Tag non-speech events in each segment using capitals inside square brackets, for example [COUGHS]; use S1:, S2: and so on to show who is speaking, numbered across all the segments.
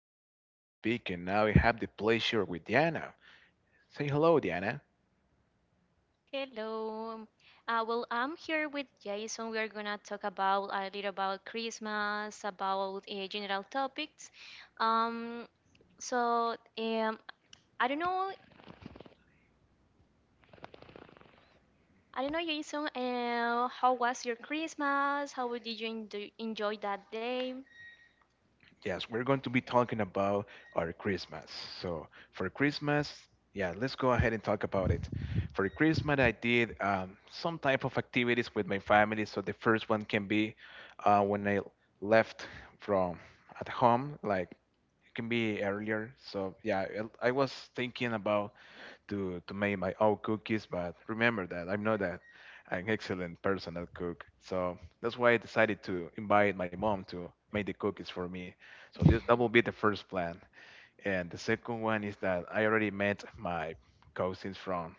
S1: This is Jason speaking. Now I have the pleasure with Diana. Say hello, Diana.
S2: Hello. I'm here with Jason. We're gonna talk about a little about Christmas, about general topics. Um, so um, I don't know, Jason. How was your Christmas? How did you enjoy, enjoy that day?
S1: Yes, we're going to be talking about our Christmas. So, for Christmas, yeah, let's go ahead and talk about it. For Christmas, I did some type of activities with my family. So, the first one can be when I left from at home, like it can be earlier. So, yeah, I was thinking about to make my own cookies, but remember that I'm not an excellent person at cook. So that's why I decided to invite my mom to make the cookies for me. So that will be the first plan. And the second one is that I already met my cousins from.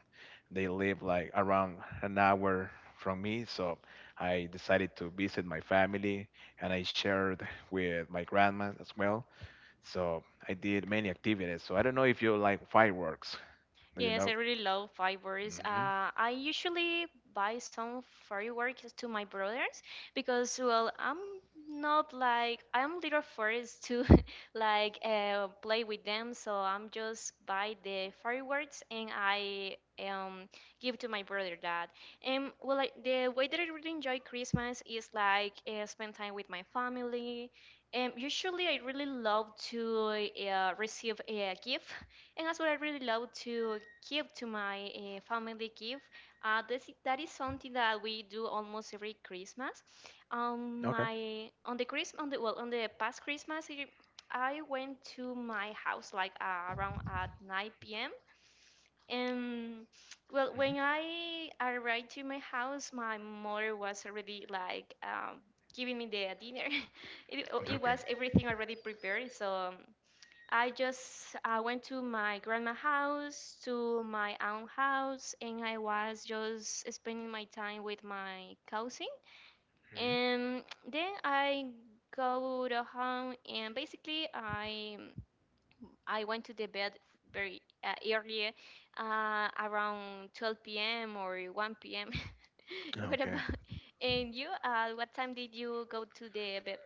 S1: They live like around an hour from me, so I decided to visit my family, and I shared with my grandma as well. So I did many activities. So I don't know if you like fireworks. Do you
S2: Yes, I
S1: know?
S2: really love fireworks.
S1: Hmm.
S2: I usually buy some fireworks to my brothers because, well, I'm not like I'm little first to [LAUGHS] play with them, so I'm just buy the fireworks and I give to my brother that. And well, the way that I really enjoy Christmas is like spend time with my family. Usually, I really love to receive a gift and as well, I really love to give to my family gift. That is something that we do almost every Christmas.
S1: Okay.
S2: My on the Christmas on the well on the past Christmas, I went to my house like around at 9 p.m. And well, when I arrived to my house, my mother was already like giving me the dinner. [LAUGHS] It
S1: Okay.
S2: was everything already prepared, so. I went to my grandma house, to my aunt house, and I was just spending my time with my cousin. And then I go to home, and basically I went to the bed very early, around 12 p.m. or 1 p.m. [LAUGHS]
S1: Mhm.
S2: what
S1: Okay.
S2: about and you? What time did you go to the bed?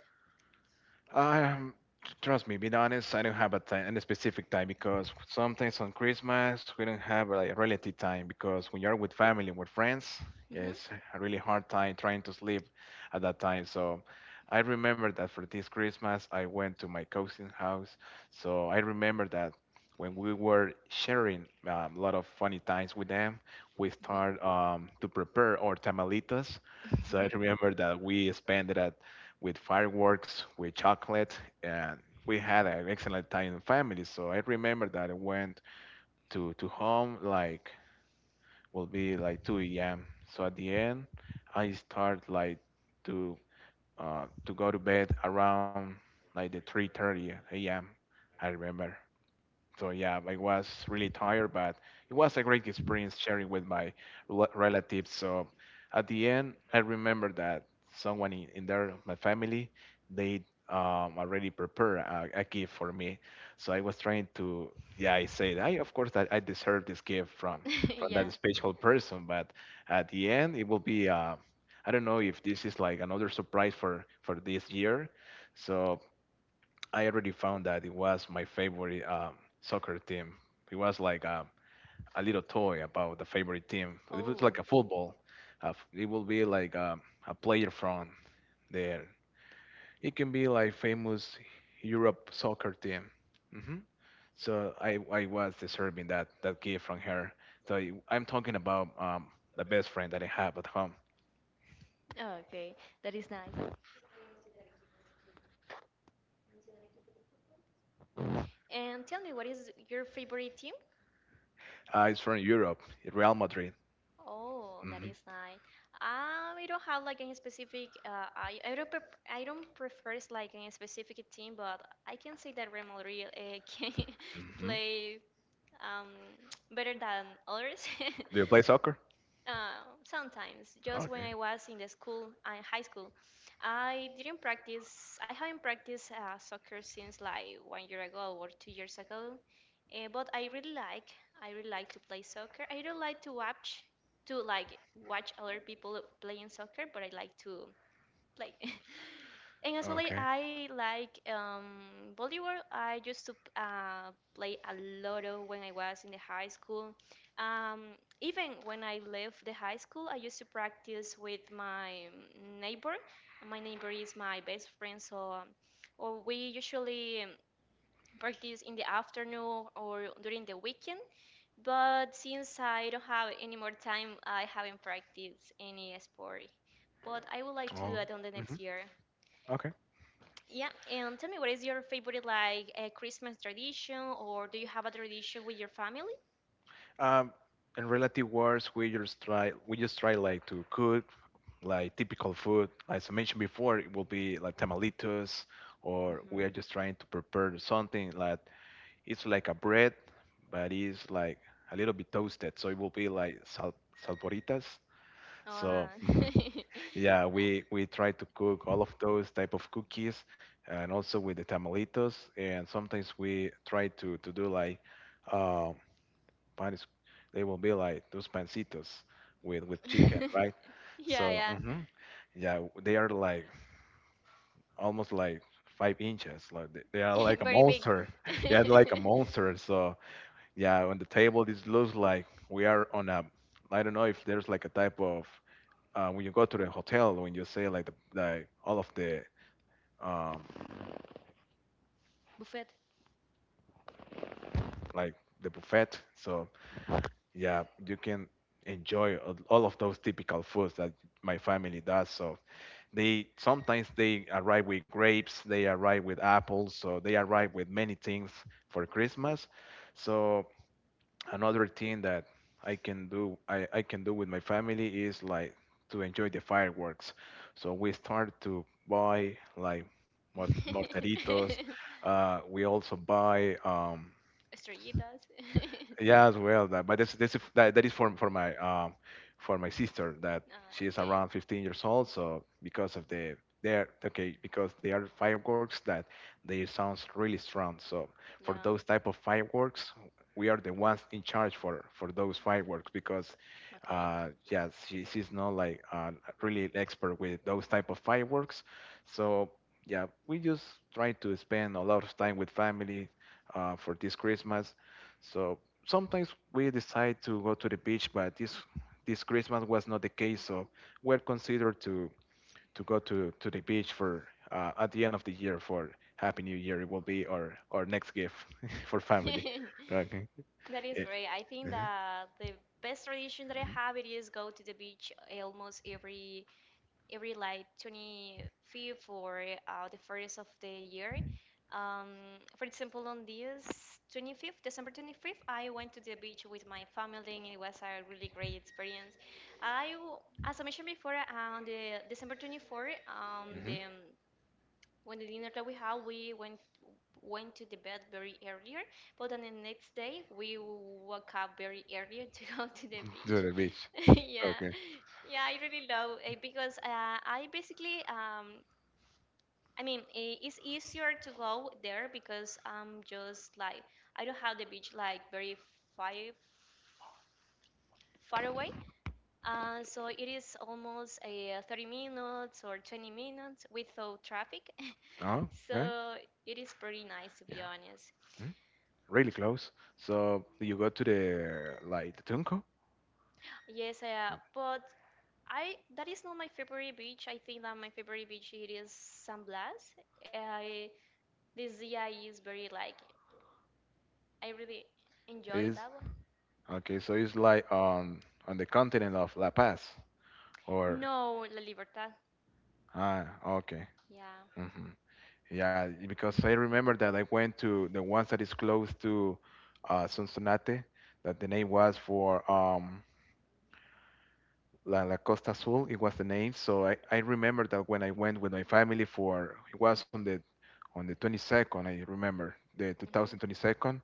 S1: Um, trust me, being honest, I don't have a time, any specific time, because sometimes on Christmas we don't have like relative time, because when you're with family and with friends,
S2: Hmm
S1: it's a really hard time trying to sleep at that time. So I remember that for this Christmas I went to my cousin's house. So I remember that when we were sharing a lot of funny times with them, we
S2: Mhm. [LAUGHS]
S1: start to prepare our tamalitas. So I remember that we spent it at with fireworks, with chocolate, and we had an excellent time in family. So I remember that I went to home like will be like 2 a.m. So at the end, I start like to to go to bed around like the 3:30 a.m. I remember. So yeah, I was really tired, but it was a great experience sharing with my relatives. So at the end, I remember that someone in there, my family, they already prepared a gift for me. So I was trying to, yeah, I said, I of course that I deserve this gift from
S2: [LAUGHS]
S1: [LAUGHS] from
S2: yeah.
S1: that special person, but at the end, it will be. I don't know if this is like another surprise for this year. So I already found that it was my favorite soccer team. It was like a little toy about the favorite team. It was
S2: Oh,
S1: like a football. It will be like a player from there. It can be like famous Europe soccer team. Hmm. So I was deserving that gift from her. So I'm talking about the best friend that I have at home.
S2: okay. That is nice. And tell me, what is your favorite team?
S1: It's from Europe, Real Madrid.
S2: Oh, that
S1: Hmm.
S2: is nice. I don't have like any specific. I don't prefer it's like any specific team, but I can say that Real Madrid [LAUGHS] can
S1: Hmm.
S2: play um [TSK] better than others. [LAUGHS]
S1: Do you play soccer?
S2: Sometimes, just when
S1: Okay.
S2: I was in the school, in high school, I didn't practice. I haven't practiced soccer since like one year ago or 2 years ago. But I really like. I really like to play soccer. I don't like to watch other people playing soccer, but I like to play. [LAUGHS] and as well, [LAUGHS]
S1: Okay.
S2: I like volleyball. I used to play a lot of when I was in the high school. Even when I left the high school, I used to practice with my neighbor. My neighbor is my best friend, so or we usually practice in the afternoon or during the weekend. But since I don't have any more time, I haven't practiced any sport but I would like to do
S1: Oh.
S2: that on the
S1: Mhm.
S2: next year.
S1: Okay.
S2: Yeah, and tell me, what is your favorite like Christmas tradition, or do you have a tradition with your family?
S1: Um, in relative words, we just try like to cook like typical food. As I mentioned before, it will be like tamalitos, or
S2: Mhm.
S1: we are just trying to prepare something like it's like a bread, but it's like a little bit toasted, so it will be like salporitas. So
S2: Ah.
S1: mhm.
S2: [LAUGHS]
S1: Yeah, we try to cook all of those type of cookies, and also with the tamalitos. And sometimes we try to do like, um, panes. They will be like those pancitos with chicken, right?
S2: [LAUGHS]
S1: So
S2: Yeah.
S1: mhm, yeah, they are like almost like 5 inches. Like they are like
S2: [LAUGHS]
S1: a
S2: Very big.
S1: monster. [LAUGHS] Yeah, like a
S2: [LAUGHS]
S1: monster. So yeah, on the table this looks like we are on a. I don't know if there's like a type of, when you go to the hotel when you say like the, like all of the, um,
S2: Buffet.
S1: like the buffet. So yeah, you can enjoy all of those typical foods that my family does. So they sometimes they arrive with grapes, they arrive with apples, so they arrive with many things for Christmas. So another thing that I can do, I can do with my family is like to enjoy the fireworks. So we start to buy like mortaritos.
S2: [LAUGHS]
S1: We also buy
S2: Estrellitas.
S1: yeah, as
S2: [LAUGHS]
S1: well. That, but that is for my for my sister, that
S2: Ah,
S1: she is
S2: okay.
S1: around 15 years old. So because of the they are okay because they are fireworks that they sounds really strong. So for
S2: Yeah.
S1: those type of fireworks, we are the ones in charge for those fireworks, because
S2: Okay.
S1: yeah, she's not like really expert with those type of fireworks. So yeah, we just try to spend a lot of time with family for this Christmas. So sometimes we decide to go to the beach, but this Christmas was not the case, so we're considered to go to the beach for at the end of the year for Happy New Year. It will be our next gift [LAUGHS] for family.
S2: [LAUGHS]
S1: Okay.
S2: That is
S1: Eh,
S2: great. I think
S1: mhm.
S2: that the best tradition that I have it is go to the beach almost every like 25th or the first of the year. Um, for example, on this 25th, December 25th, I went to the beach with my family and it was a really great experience. I, w- as I mentioned before, on the December 24th,
S1: Mhm.
S2: the when the dinner that we had, we went to the bed very earlier, but then the next day we woke up very earlier [LAUGHS] to go to the
S1: Mhm.
S2: beach.
S1: To the beach.
S2: [LAUGHS] yeah,
S1: Okay.
S2: yeah, I really love it because I mean, it's easier to go there because I'm just like I don't have the beach like far, far away. So it is almost a 30 minutes or 20 minutes without traffic,
S1: Oh, right.
S2: so it is pretty nice to be honest.
S1: Yeah, really close. So you go to the like the Tunco
S2: Yes, but I that is not my favorite beach. I think that my favorite beach it is San Blas. I this year is very like I really enjoy
S1: is
S2: that one.
S1: okay. So it's like on the continent of La Paz, or
S2: No, La Libertad.
S1: ah, okay.
S2: Yeah.
S1: Hmm. Yeah, because I remember that I went to the ones that is close to Sonsonate. That the name was for La Costa Azul, it was the name. So I remember that when I went with my family for it was on the 22nd, I remember the
S2: hmm
S1: 2022nd,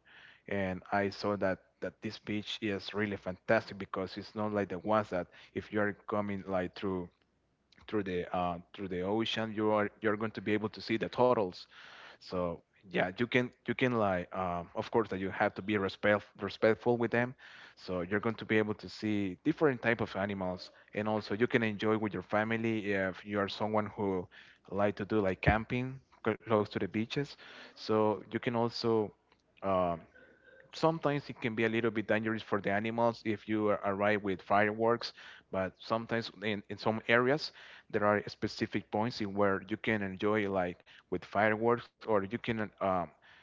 S1: and I saw that this beach is really fantastic, because it's not like the ones that if you are coming like through the ocean, you're going to be able to see the turtles.
S2: Oh,
S1: So yeah, you can like, of course that you have to be respectful with them. So you're going to be able to see different type of animals, and also you can enjoy with your family if you are someone who like to do like camping close to the beaches. So you can also, um, sometimes it can be a little bit dangerous for the animals if you arrive with fireworks, but sometimes in some areas there are specific points in where you can enjoy like with fireworks, or you can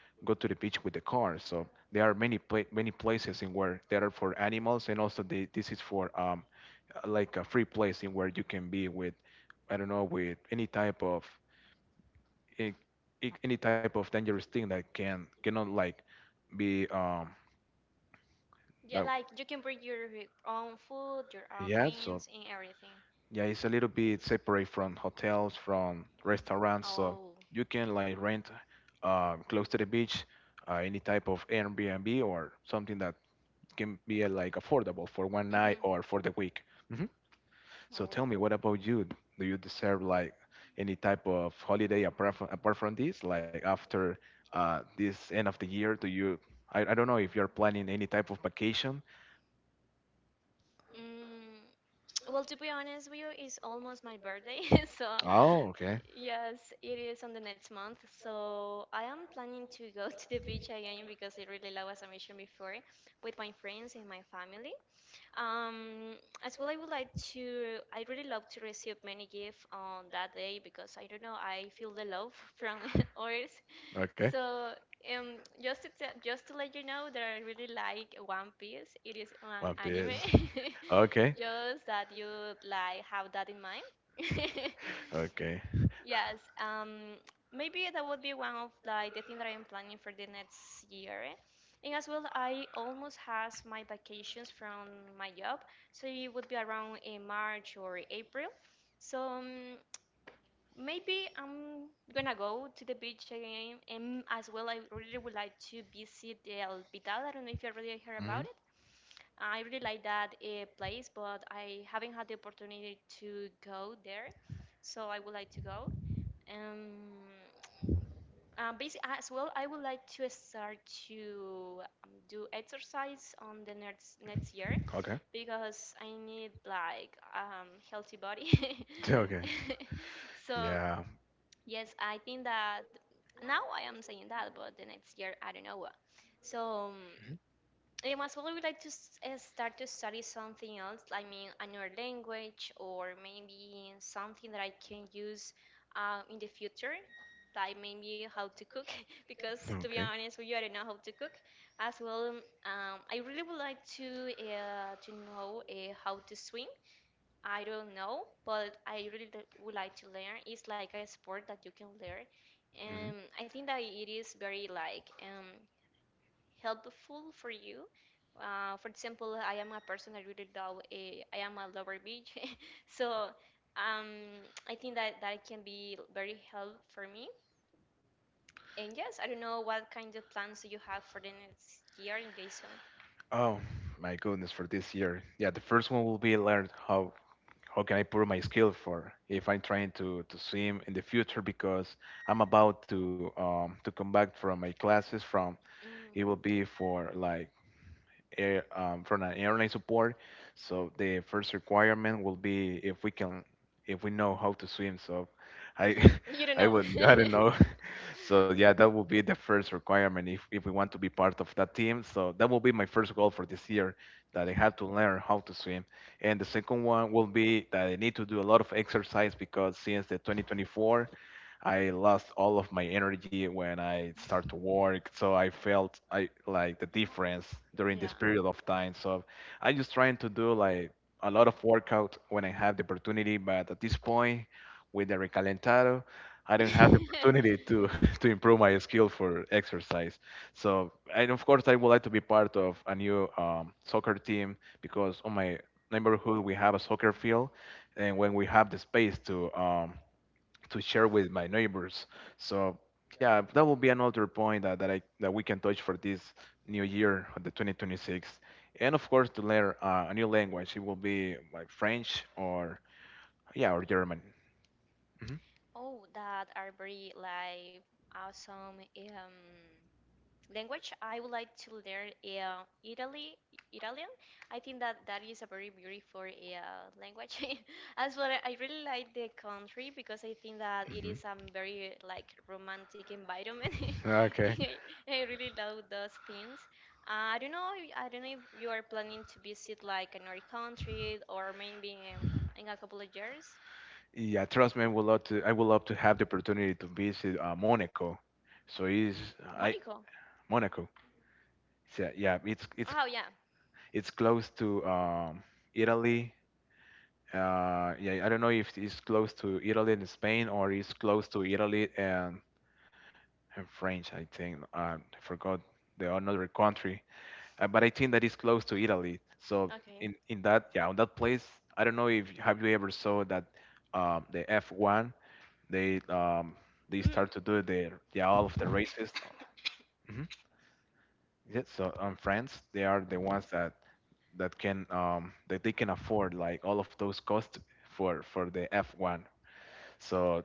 S1: go to the beach with the car. So there are many many places in where there are for animals, and also the, this is for, like a free place in where you can be with, I don't know, with any type of a- any type of dangerous thing that can cannot like be,
S2: yeah.
S1: like,
S2: Like you can bring your own food, your own
S1: yeah. So
S2: drinks, and everything.
S1: yeah, it's a little bit separate from hotels, from restaurants, so
S2: Oh.
S1: you can like rent, close to the beach, any type of Airbnb or something that can be like affordable for one night
S2: Mhm.
S1: or for the week. Hmm. So tell
S2: Oh.
S1: me, what about you? Do you deserve like any type of holiday apart from this? Like after this end of the year, do you? I don't know if you're planning any type of vacation.
S2: Mm, [TSK] well, to be honest with you, it's almost my birthday, [LAUGHS] so
S1: Oh, okay.
S2: yes, it is on the next month. So I am planning to go [LAUGHS] to the beach again because I really love, as I mentioned before, with my friends and my family. Um, as well, I would like to. I really love to receive many gifts on that day because I don't know. I feel the love [LAUGHS] from [LAUGHS] others.
S1: Okay.
S2: So just to tell, just to let you know that I really like One Piece. It is an
S1: One
S2: anime.
S1: Piece. Okay.
S2: [LAUGHS] Just that you like have that in mind. [LAUGHS]
S1: Okay.
S2: Yes, maybe that would be one of like the thing that I am planning for the next year. And as well, I almost has my vacations from my job, so it would be around in March or April. So maybe I'm gonna go to the beach again, and as well, I really would like to visit the El Pital. I don't know if you already heard
S1: Hmm.
S2: about it. I really like that place, but I haven't had the opportunity to go there, so I would like to go. Um, basically, as well, I would like to start to do exercise on the next year
S1: Okay. [LAUGHS]
S2: because I need like healthy body.
S1: Yeah, okay.
S2: [LAUGHS] So
S1: Yeah.
S2: yes, I think that now I am saying that, but the next year I don't know what. So. As well, would like to start to study something else. I mean, another language or maybe something that I can use in the future. Like maybe how to cook, [LAUGHS] because
S1: Mhm.
S2: to be
S1: Okay.
S2: honest with you, I don't know how to cook. As well, I really would like to know how to swim. I don't know, but I really would like to learn. It's like a sport that you can learn,
S1: Hmm.
S2: and I think that it is very like helpful for you. For example, I am a person that really love. A. I am a lover beach, [LAUGHS] so um, I think that that can be very help for me. And yes, I don't know what kind of plans do you have for the next year in Jason.
S1: Oh my goodness, for this year. Yeah, the first one will be learn how can I put my skill for if I'm trying to, swim in the future, because I'm about to come back from my classes from it will be
S2: Mm.
S1: for like air, from an airline support. So the first requirement will be if we can, if we know how to swim. So I,
S2: [LAUGHS] You
S1: [LAUGHS]
S2: don't
S1: I
S2: know.
S1: would, I don't know.
S2: [LAUGHS]
S1: [LAUGHS] So yeah, that will be the first requirement if we want to be part of that team. So that will be my first goal for this year, that I
S2: Mhm.
S1: have to learn how to swim. And the second one will be that I need to do a lot of exercise, because since the 2024. I lost all of my energy when I start to work. So I felt I like the difference during this period of time. So I'm just trying to do like a lot of workout when I have the opportunity. But at this point, with the recalentado, I don't have the
S2: [LAUGHS]
S1: opportunity to [LAUGHS] to improve my skill for exercise. So and of course, I would like to be part of a new soccer team, because on my neighborhood we have a soccer field, and when we have the space to, share with my neighbors. So yeah, that will be another point that we can touch for this new year, the 2026. And of course, to learn a new language, it will be like French, or yeah, or German. Hmm.
S2: Oh, that are very like awesome. Language I would like to learn Italy Italian. I think that that is a very beautiful language. [LAUGHS] As well, I really like the country because I think that it
S1: Hmm.
S2: is a very like romantic environment.
S1: Okay.
S2: [LAUGHS] I really love those things. Uh, I don't know. I don't know if you are planning to visit like another country or maybe in a couple of years.
S1: Yeah, trust me, I would love to. I would love to have the opportunity to visit Monaco. So is I
S2: Monaco.
S1: Monaco. So, yeah, it's it's
S2: Oh yeah.
S1: it's close to Italy yeah, I don't know if it's close to Italy and Spain or it's close to Italy and French, I think. I forgot the another country, but I think that it's close to Italy. So
S2: Okay.
S1: in that, yeah, on that place, I don't know if have you ever saw that the F1 they um, they
S2: Mm.
S1: start to do the yeah all of the races.
S2: [COUGHS]
S1: Mhm. Yeah, so France, they are the ones that can that they can afford like all of those costs for the F1. So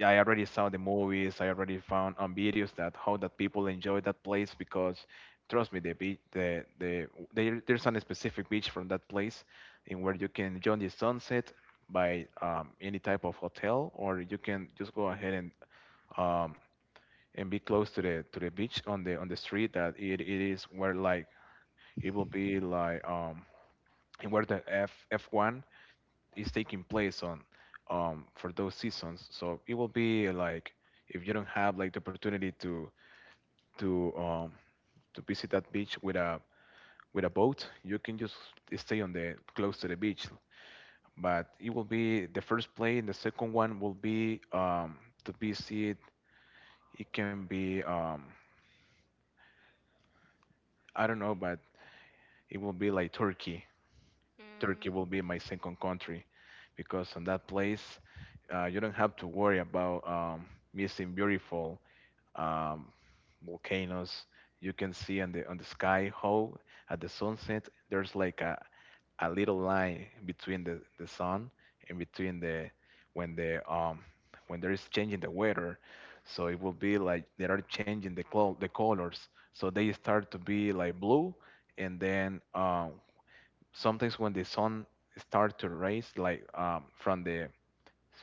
S1: I already saw the movies. I already found on videos that how that people enjoy that place because, trust me, the beach, the there, there's a specific beach from that place, in where you can enjoy the sunset by any type of hotel, or you can just go ahead um, and be close to the beach on the street that it is where like it will be like and where the F F1 is taking place on for those seasons. So it will be like if you don't have like the opportunity to um to visit that beach with a boat, you can just stay on the close to the beach. But it will be the first play and the second one will be to visit it can be I don't know but it will be like Turkey. Turkey
S2: Mm.
S1: will be my second country because in that place you don't have to worry about missing beautiful um, volcanoes. You can see on the sky how at the sunset there's like a little line between the sun and between the when there is changing the weather. So it will be like they are changing the the colors. So they start to be like blue and then sometimes when the sun start to rise like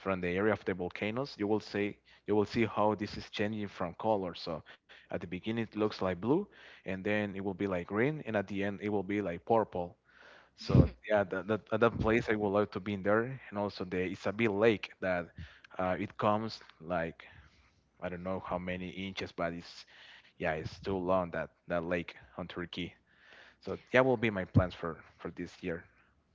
S1: from the area of the volcanoes you will see how this is changing from color. So at the beginning it looks like blue and then it will be like green and at the end it will be like purple. So
S2: [LAUGHS]
S1: yeah, at that place I would like to be in there, and also the Isabel Lake that it comes like I don't know how many inches but it's yeah it's too long that that lake on Turkey. So yeah, will be my plans for this year.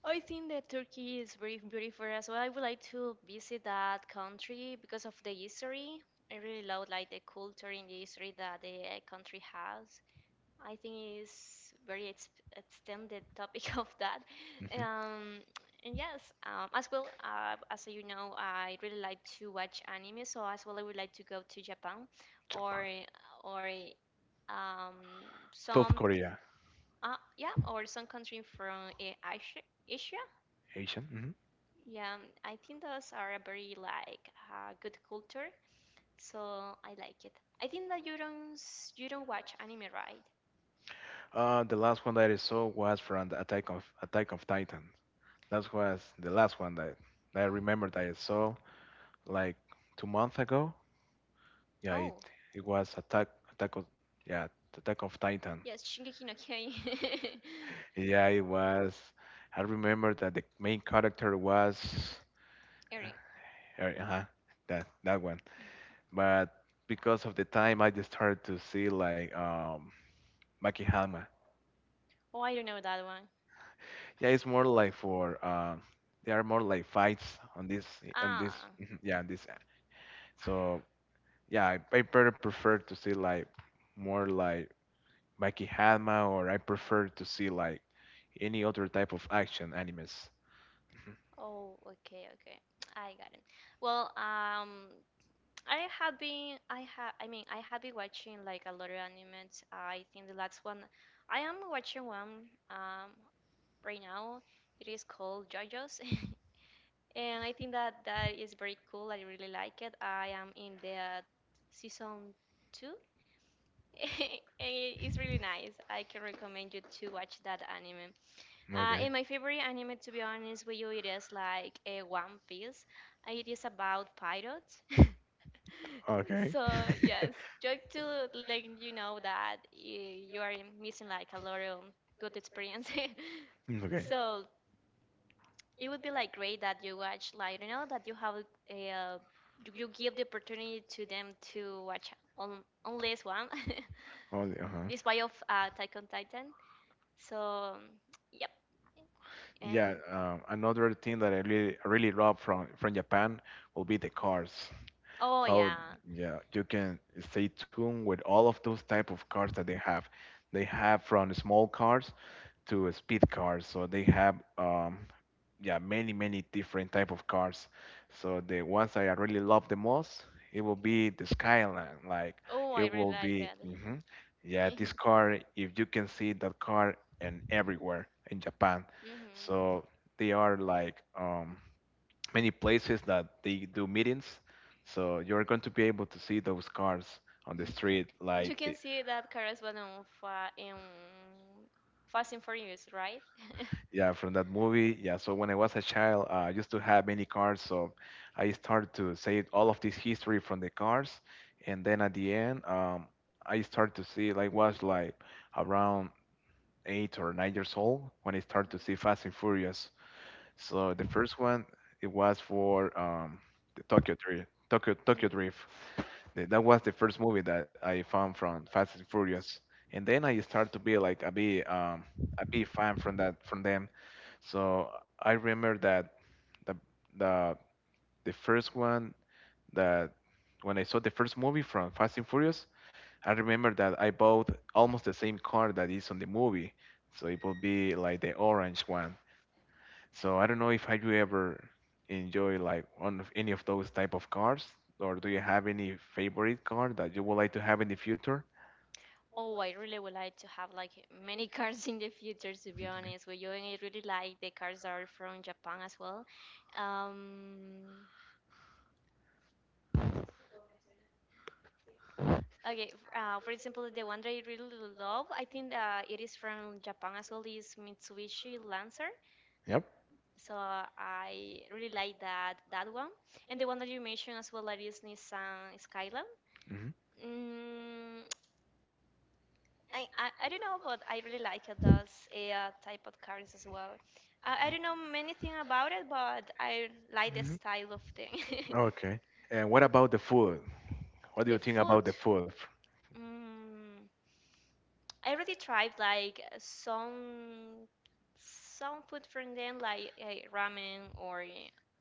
S2: I think that Turkey is very beautiful as well. I would like to visit that country because of the history. I really love like the culture and the history that the country has. I think it's very ex extended topic [LAUGHS] of that.
S1: Hmm.
S2: Um, and yes, as well as you know, I really like to watch anime. So as well, I would like to go to Japan or
S1: Japan.
S2: or um
S1: South
S2: some
S1: Korea.
S2: yeah or some country from Asia. Asia
S1: Asian. Hmm.
S2: Yeah, I think those are a very like good culture, so I like it. I think that you don't s- you don't watch anime, right?
S1: The last one that I saw was from the Attack of Titan. That was the last one that I remember that I saw like 2 months ago. Yeah, it
S2: Oh,
S1: it was Attack of Titan.
S2: yes, Shingeki no Kyojin.
S1: Yeah, it was. I remember that the main character was
S2: [LAUGHS] Erin.
S1: uh, uh-huh, that one, but because of the time, I just started to see like Maki Hama.
S2: Oh, I don't know that one.
S1: Yeah, it's more like for there are more like fights on this on this.
S2: Ah.
S1: [LAUGHS] yeah on this. So yeah, I better prefer to see like more like Maki Hama, or I prefer to see like any other type of action animes. [LAUGHS]
S2: Oh, okay. [TSK] I got it. Well, I have been I have I mean I have been watching like a lot of animes. I think the last one I am watching one right now. It is called JoJo's. [LAUGHS] And I think that that is very cool. I really like it. I am in the season two, [LAUGHS] and it's really nice. I can recommend you to watch that anime.
S1: Mhm. Okay.
S2: And my favorite anime, to be honest with you, it is like a One Piece. It is about pirates. [LAUGHS]
S1: Okay.
S2: So yes,
S1: [LAUGHS]
S2: just to let you know that you are missing like a lot of good experience. [LAUGHS]
S1: Okay.
S2: So it would be like great that you watch like you know that you have a you give the opportunity to them to watch on only this one,
S1: Only uh
S2: [LAUGHS]
S1: huh.
S2: this way of Attack on Titan. So yep.
S1: Yeah,
S2: Um.
S1: another thing that I really love from Japan will be the cars.
S2: Oh
S1: So
S2: yeah.
S1: yeah, you can stay tuned with all of those type of cars that they have. They have from small cars to speed cars. So they have yeah many many different type of cars. So the ones that I really love the most, it will be the Skyline. Like
S2: Oh, I
S1: it
S2: really
S1: will
S2: like
S1: be
S2: it.
S1: mhm. Yeah, this
S2: [LAUGHS]
S1: car, if you can see that car and everywhere in Japan.
S2: hmm
S1: So they are like many places that they do meetings so you're going to be able to see those cars on the street
S2: You can
S1: like
S2: see that Kara is one of in Fast and Furious, right? [LAUGHS]
S1: yeah, from that movie. Yeah, so when I was a child, I used to have many cars, so I started to say all of this history from the cars, and then at the end, I started to see like was like around 8 or 9 years old when I started to see Fast and Furious. So the first one it was for the Tokyo Drift, Tokyo
S2: Mhm.
S1: Tokyo
S2: Mm.
S1: Drift. That was the first movie that I found from Fast and Furious, and then I started to be like a big fan from that from them. So I remember that the the the first one that when I saw the first movie from Fast and Furious, I remember that I bought almost the same car that is on the movie. So it will be like the orange one. So I don't know if had you ever enjoy like one of any of those type of cars, or do you have any favorite car that you would like to have in the future?
S2: Oh, I really would like to have like many [LAUGHS] cars in the future, to be
S1: Okay.
S2: honest with you. And I really like the cars that are from Japan as well. Um, okay, for example, the one that I really love, I think it is from Japan as well, is Mitsubishi Lancer.
S1: Yep.
S2: So I really like that one. And the one that you mentioned as well, that is Nissan Skyline.
S1: Hmm.
S2: Mm, I don't know, but I really like it, those type of cars as well. I don't know many thing about it, but I like the
S1: Hmm.
S2: style of thing.
S1: Okay. And what about the food? What
S2: [LAUGHS]
S1: do
S2: the
S1: you think
S2: food,
S1: about the food?
S2: mm, I already tried like some food from them, like ramen or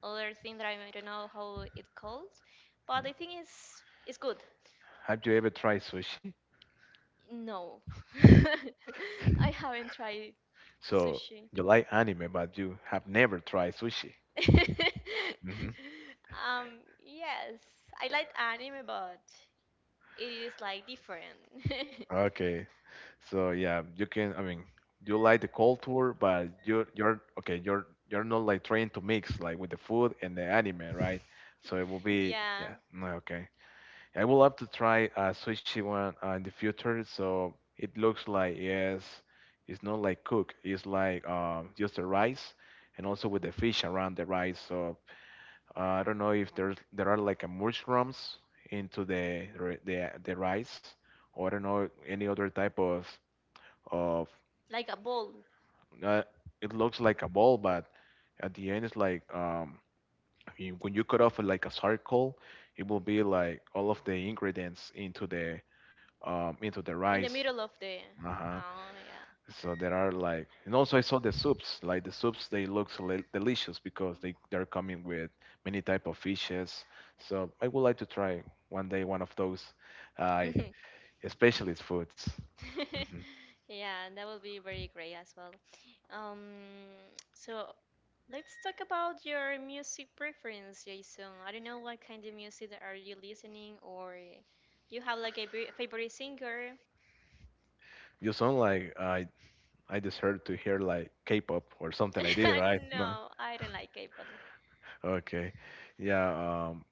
S2: other thing that I don't know how it called, but I think it's good.
S1: Have you ever tried sushi?
S2: No, [LAUGHS] I haven't tried
S1: So
S2: sushi.
S1: you like anime, but you have never tried sushi.
S2: [LAUGHS]
S1: Mm-hmm.
S2: Yes, I like anime, but it is like different. [LAUGHS]
S1: Okay, so yeah, you can. I mean, you like the culture, but you're okay. You're not like trying to mix like with the food and the anime, right? So it will be
S2: Yeah,
S1: yeah. No, okay, I would love to try a sushi one in the future. So it looks like yes, it's not like cook. It's like just the rice and also with the fish around the rice. So I don't know if there's there are like a mushrooms into the the rice, or I don't know any other type of of.
S2: like a ball
S1: Uh, it looks like a ball, but at the end it's like you- when you cut off like a circle, it will be like all of the ingredients into the
S2: in the
S1: rice.
S2: middle of the.
S1: Uh-huh.
S2: Oh,
S1: So there are like, and also I saw the soups. Like the soups, they look so delicious because they're coming with many type of fishes. So I would like to try one day one of those, uh,
S2: yeah.
S1: specialist foods.
S2: [LAUGHS]
S1: Hmm.
S2: Yeah, that would be very great as well. Um, so let's talk about your music preference, Jason. I don't know what kind of music that are you listening, or you have like a favorite singer.
S1: You sound like I deserve to hear like K-pop or something like this, right?
S2: [LAUGHS]
S1: No.
S2: No, I
S1: [LAUGHS]
S2: don't like K-pop.
S1: Okay. Yeah.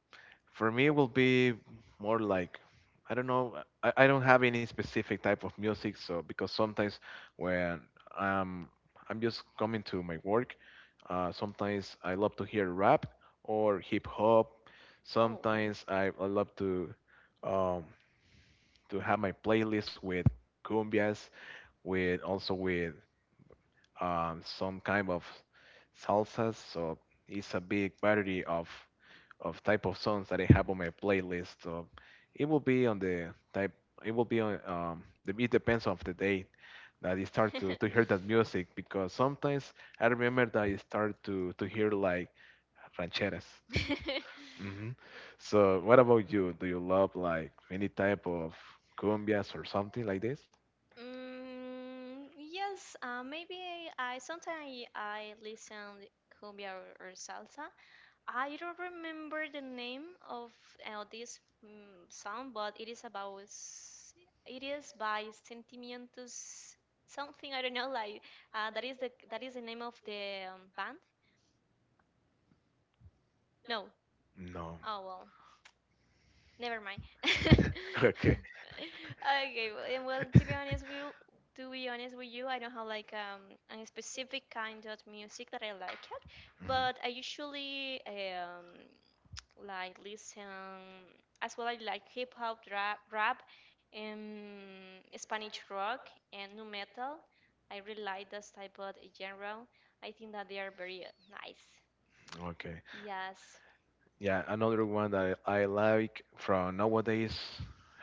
S1: for me, it will be more like I don't know. I don't have any specific type of music, so because sometimes when um, I'm just coming to my work, sometimes I love to hear rap or hip hop.
S2: Oh.
S1: Sometimes I love um, to have my playlist with cumbias, with also with some kind of salsas. So it's a big variety of type of songs that I have on my playlist. So it will be on the type. It will be on. It depends on the day that I start to hear that music because sometimes I remember that I start to hear like rancheras.
S2: [LAUGHS]
S1: Hmm. So what about you? Do you love like any type of cumbias or something like this?
S2: Mm, yes, maybe I sometimes I listen cumbia or salsa. I don't remember the name of this song, but it is about it is by Sentimientos something. I don't know like that is the name of the band. No,
S1: No.
S2: oh well, never mind. [LAUGHS]
S1: [LAUGHS] Okay.
S2: Okay, well, and well, to be
S1: [LAUGHS]
S2: honest, we'll to be honest with you, I don't have like a specific kind of music that I like it, but I
S1: Mhm.
S2: usually like listen as well. I like hip hop, rap, Spanish rock and nu metal. I really like this type of genre. I think that they are very nice.
S1: Okay.
S2: Yes.
S1: Yeah, another one that I like from nowadays,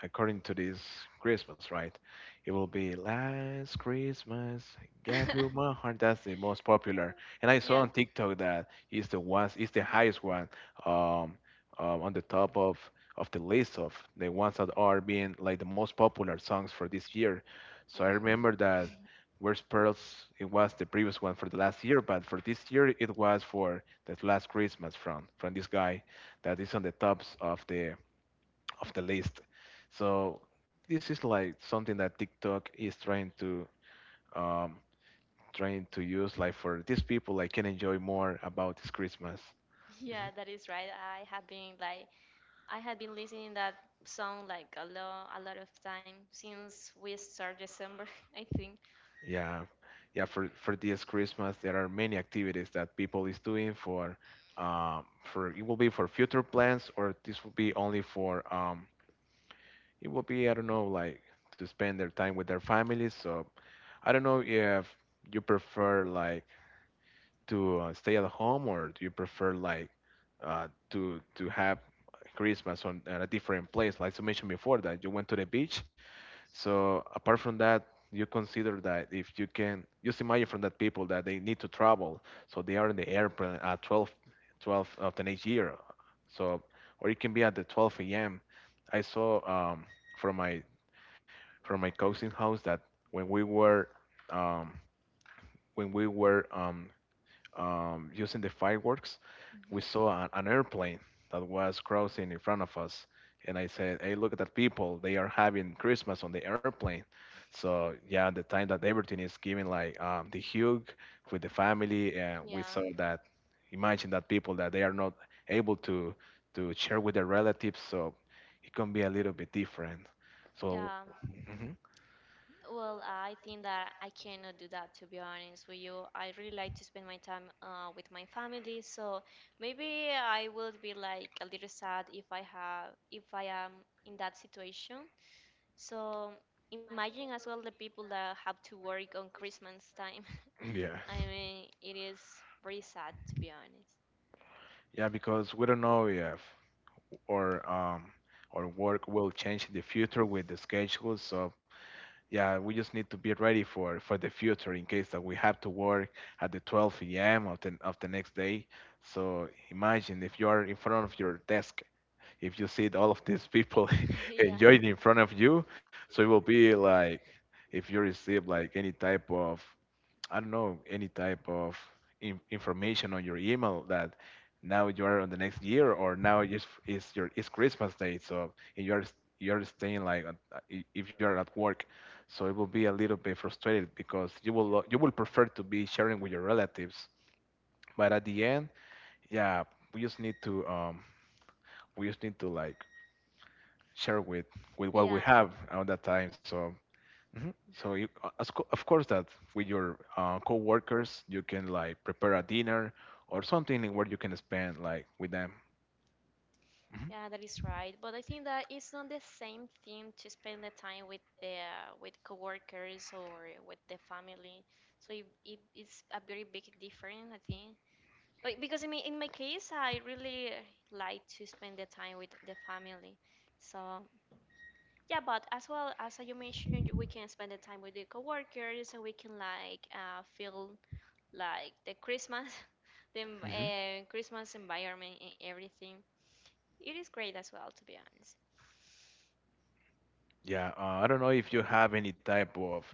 S1: according to this Christmas, right? It will be "Last Christmas, I gave you my heart."
S2: [LAUGHS]
S1: That's the most popular. And I
S2: Yeah.
S1: saw on TikTok that is the one, is the highest one, um, on the top of the list of the ones that are being like the most popular songs for this year. So I
S2: Mhm.
S1: remember that
S2: [LAUGHS]
S1: Worst Pearls, it was the previous one for the last year, but for this year it was for the Last Christmas from this guy that is on the tops of the list. So this is like something that TikTok is trying to um, trying to use like for these people like can enjoy more about this Christmas.
S2: Yeah,
S1: Mhm.
S2: that is right. I have been listening that song like a lot of time since we start December, [LAUGHS] I think.
S1: Yeah, yeah. For this Christmas, there are many activities that people is doing um, for it will be for future plans or this will be only for it will be I don't know like to spend their time with their families. So I don't know if you prefer like to stay at home or do you prefer like uh, to have Christmas on at a different place? Like you mentioned before that you went to the beach. So apart from that, you consider that if you can just imagine from that people that they need to travel, so they are in the airplane at 12:12 of the next year. So or it can be at the 12 a.m. I saw from my from my cousin's house that when we were um, when we were um, using the fireworks,
S2: Mhm.
S1: we saw an airplane that was crossing in front of us. And I said, hey, look at that people. They are having Christmas on the airplane. So, yeah, the time that everything is giving, like the hug with the family, and we
S2: Yeah.
S1: saw that, imagine that people that they are not able to share with their relatives. So it can be a little bit different. So,
S2: Yeah.
S1: mhm,
S2: Well, I think that I cannot do that to be honest with you. I really like to spend my time with my family, so maybe I will be like a little sad if I am in that situation. So imagine as well the people that have to work on Christmas time.
S1: yeah.
S2: [LAUGHS] I mean, it is very sad to be honest.
S1: Yeah, because we don't know if or um or work will change in the future with the schedule. So yeah, we just need to be ready for the future in case that we have to work at the 12 a.m. of the next day. So imagine if you are in front of your desk, if you see all of these people
S2: [LAUGHS]
S1: [LAUGHS]
S2: Yeah,
S1: enjoying in front of you, so it will be like if you receive like any type of I don't know, any type of in information on your email that now you are on the next year or now is Christmas day, so and you're staying like if you're at work, so it will be a little bit frustrated because you will prefer to be sharing with your relatives, but at the end, yeah, we just need to um we just need to like share with
S2: yeah,
S1: what we
S2: yeah.
S1: have at that time, so. Mhm. So you, of course that with your coworkers you can like prepare a dinner or something in where you can spend like with them. Mhm.
S2: Yeah, that is right. But I think that it's not the same thing to spend the time with coworkers or with the family. So it's a very big difference, I think. But because in my case, I really like to spend the time with the family. So yeah, but as well as you mentioned, we can spend the time with the coworkers, and we can like feel like the Christmas, [LAUGHS] the
S1: Mhm.
S2: Christmas environment and everything. It is great as well, to be honest.
S1: Yeah, I don't know if you have any type of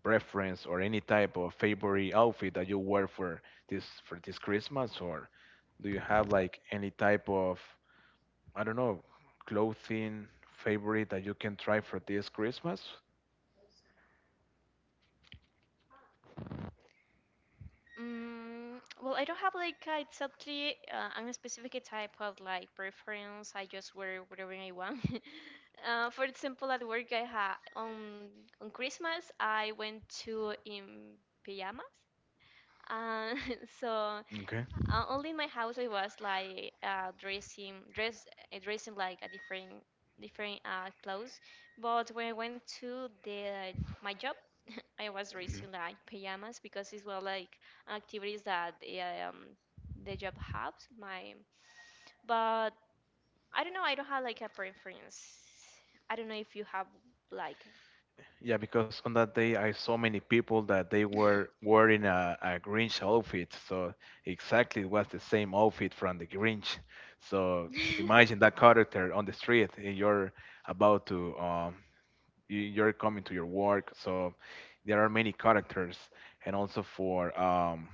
S1: preference or any type of favorite outfit that you wear for this Christmas or do you have like any type of I don't know clothing favorite that you can try for this Christmas?
S2: Mm, well, I don't have like exactly a specific type of like preference. I just wear whatever I want. [LAUGHS] For example, at work, I had on Christmas, I went to in pajamas. Uh, [LAUGHS] so
S1: Okay.
S2: only in my house I was like dressing like a different clothes. But when I went to the my job, I was
S1: Mhm.
S2: raised in like pajamas because it's well like activities that the job has my, but I don't know, I don't have like a preference. I don't know if you have like
S1: Yeah, because on that day I saw many people that they were wearing a Grinch outfit. So exactly it was the same outfit from the Grinch. So imagine
S2: [LAUGHS]
S1: that character on the street and you're about to you're coming to your work, so there are many characters, and also for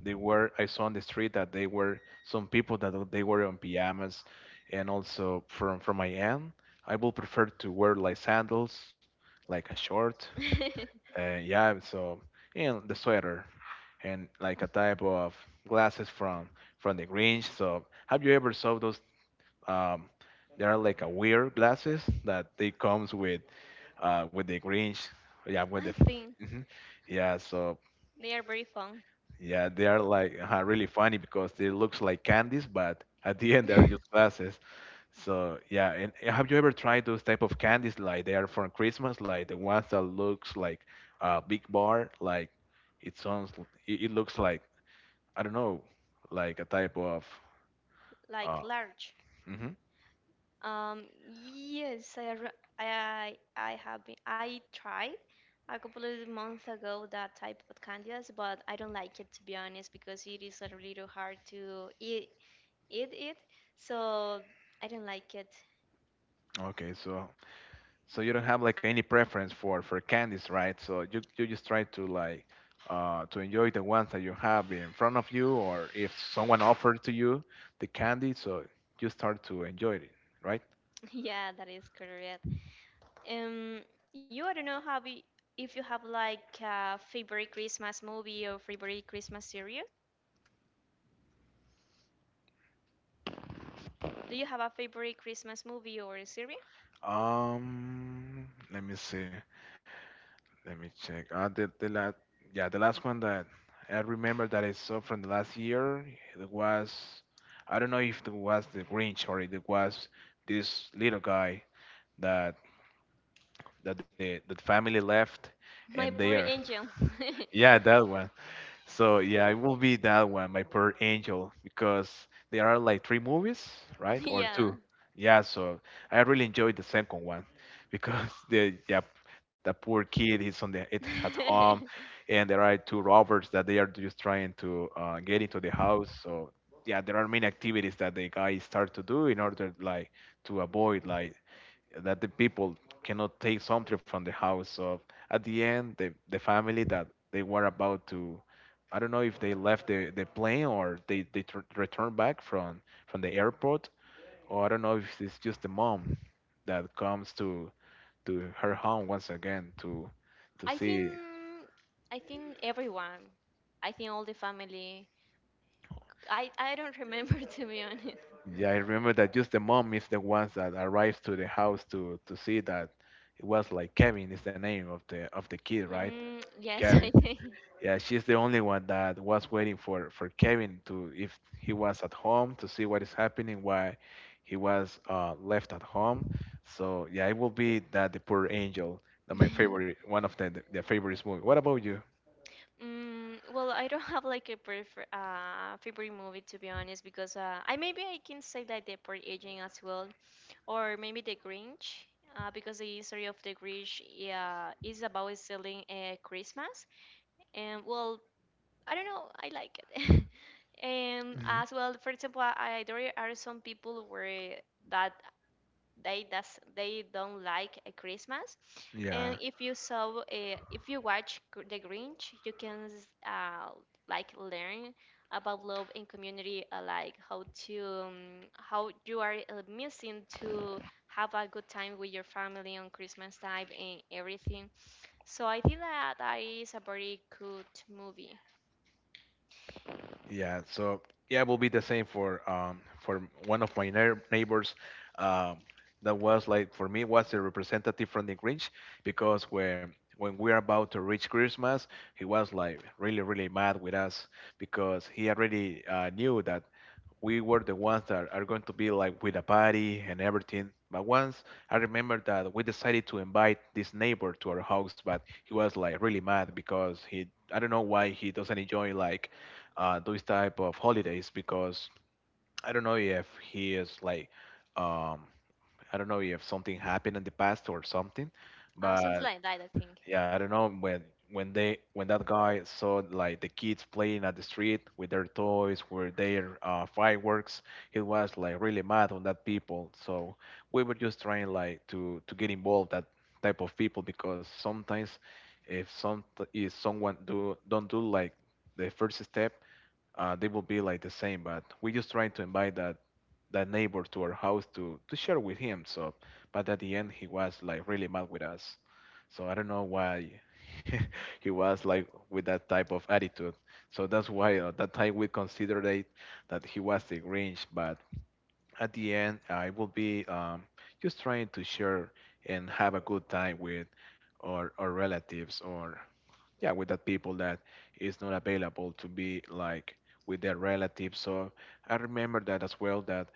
S1: they were, I saw on the street that they were some people that they were on pajamas. And also from my end, I will prefer to wear like sandals, like a short,
S2: I
S1: yeah, so, and the sweater and like a type of glasses from the Grinch. So have you ever saw those um, there are like a weird glasses that they comes with, with the Grinch. Yeah, with the,
S2: think
S1: mhm, yeah. So
S2: they are very fun.
S1: yeah, they are like really funny because they looks like candies, but at the end they are just
S2: [LAUGHS]
S1: glasses. So yeah, and have you ever tried those type of candies like they are for Christmas, like the ones that looks like a big bar, like it sounds, it looks like I don't know, like a type of.
S2: Like
S1: Uh,
S2: large.
S1: hmm.
S2: Yes, I have been, I tried a couple of months ago that type of candies, but I don't like it to be honest because it is a little hard to eat, it. So I don't like it.
S1: Okay, so you don't have like any preference for candies, right? So you just try to like to enjoy the ones that you have in front of you, or if someone offered to you the candy, so you start to enjoy it, right?
S2: [LAUGHS] Yeah, that is correct. Um, you, I don't know if you have like a favorite Christmas movie or favorite Christmas series. Do you have a favorite Christmas movie or a series?
S1: Um, Let me see, let me check. The last, yeah, the last one that I remember that I saw from the last year, it was, I don't know if it was the Grinch or it was this little guy that that the that family left,
S2: [LAUGHS]
S1: and
S2: My
S1: they
S2: poor
S1: are
S2: angel.
S1: [LAUGHS]
S2: [LAUGHS]
S1: yeah, that one. So yeah, it will be that one, My Poor Angel, because there are like three movies, right, or two,
S2: Yeah.
S1: yeah. So I really enjoyed the second one because [LAUGHS] the, yeah, the poor kid is on the it at home,
S2: [LAUGHS]
S1: and there are two robbers that they are just trying to get into the house. So yeah, there are many activities that the guy start to do in order like to avoid like that the people cannot take something from the house. So at the end, the family that they were about to, I don't know if they left the plane, or they returned back from the airport, or I don't know if it's just the mom that comes to her home once again to
S2: I
S1: see.
S2: think everyone. I think all the family. I don't remember [LAUGHS] to be honest.
S1: Yeah, I remember that just the mom is the ones that arrives to the house to see that it was like Kevin is the name of the kid, right?
S2: Mm, yes,
S1: Kevin.
S2: I think.
S1: Yeah, she's the only one that was waiting for Kevin, to if he was at home, to see what is happening, why he was left at home. So yeah, it will be that, the Poor Angel, that my favorite,
S2: [LAUGHS]
S1: one of the the favorite movie. What about you?
S2: Mm, well, I don't have like a prefer favorite movie to be honest because I maybe I can say like the Purge Agent as well, or maybe the Grinch. Because the history of the Grinch, yeah, is about selling Christmas, and well, I don't know. I like it. [LAUGHS] And
S1: Mhm.
S2: as well, for example, I there are some people where that they don't like a Christmas. And
S1: Yeah.
S2: if you saw, if you watch The Grinch, you can like learn about love and community, like how to how you are missing to have a good time with your family on Christmas time and everything. So I think that is a very good movie.
S1: Yeah, so yeah, it will be the same for one of my neighbors. Um, that was like, for me, was a representative from the Grinch, because when we are about to reach Christmas, he was like really really mad with us because he already knew that we were the ones that are going to be like with a party and everything. But once I remember that we decided to invite this neighbor to our house, but he was like really mad because he, I don't know why he doesn't enjoy like those type of holidays because I don't know if he is like um, I don't know if something happened in the past or something,
S2: Something
S1: but
S2: like that, I think.
S1: yeah, I don't know when that guy saw like the kids playing at the street with their toys, with their fireworks, he was like really mad on that people. So we were just trying like to get involved that type of people, because sometimes if some if someone do don't do like the first step, they will be like the same. But we just trying to invite that neighbor to our house to share with him. So, but at the end, he was like really mad with us. So I don't know why [LAUGHS] he was like with that type of attitude. So that's why that time we considered it, that he was the Grinch. But at the end, I will be just trying to share and have a good time with our relatives, or yeah, with that people that is not available to be like with their relatives. So I remember that as well, that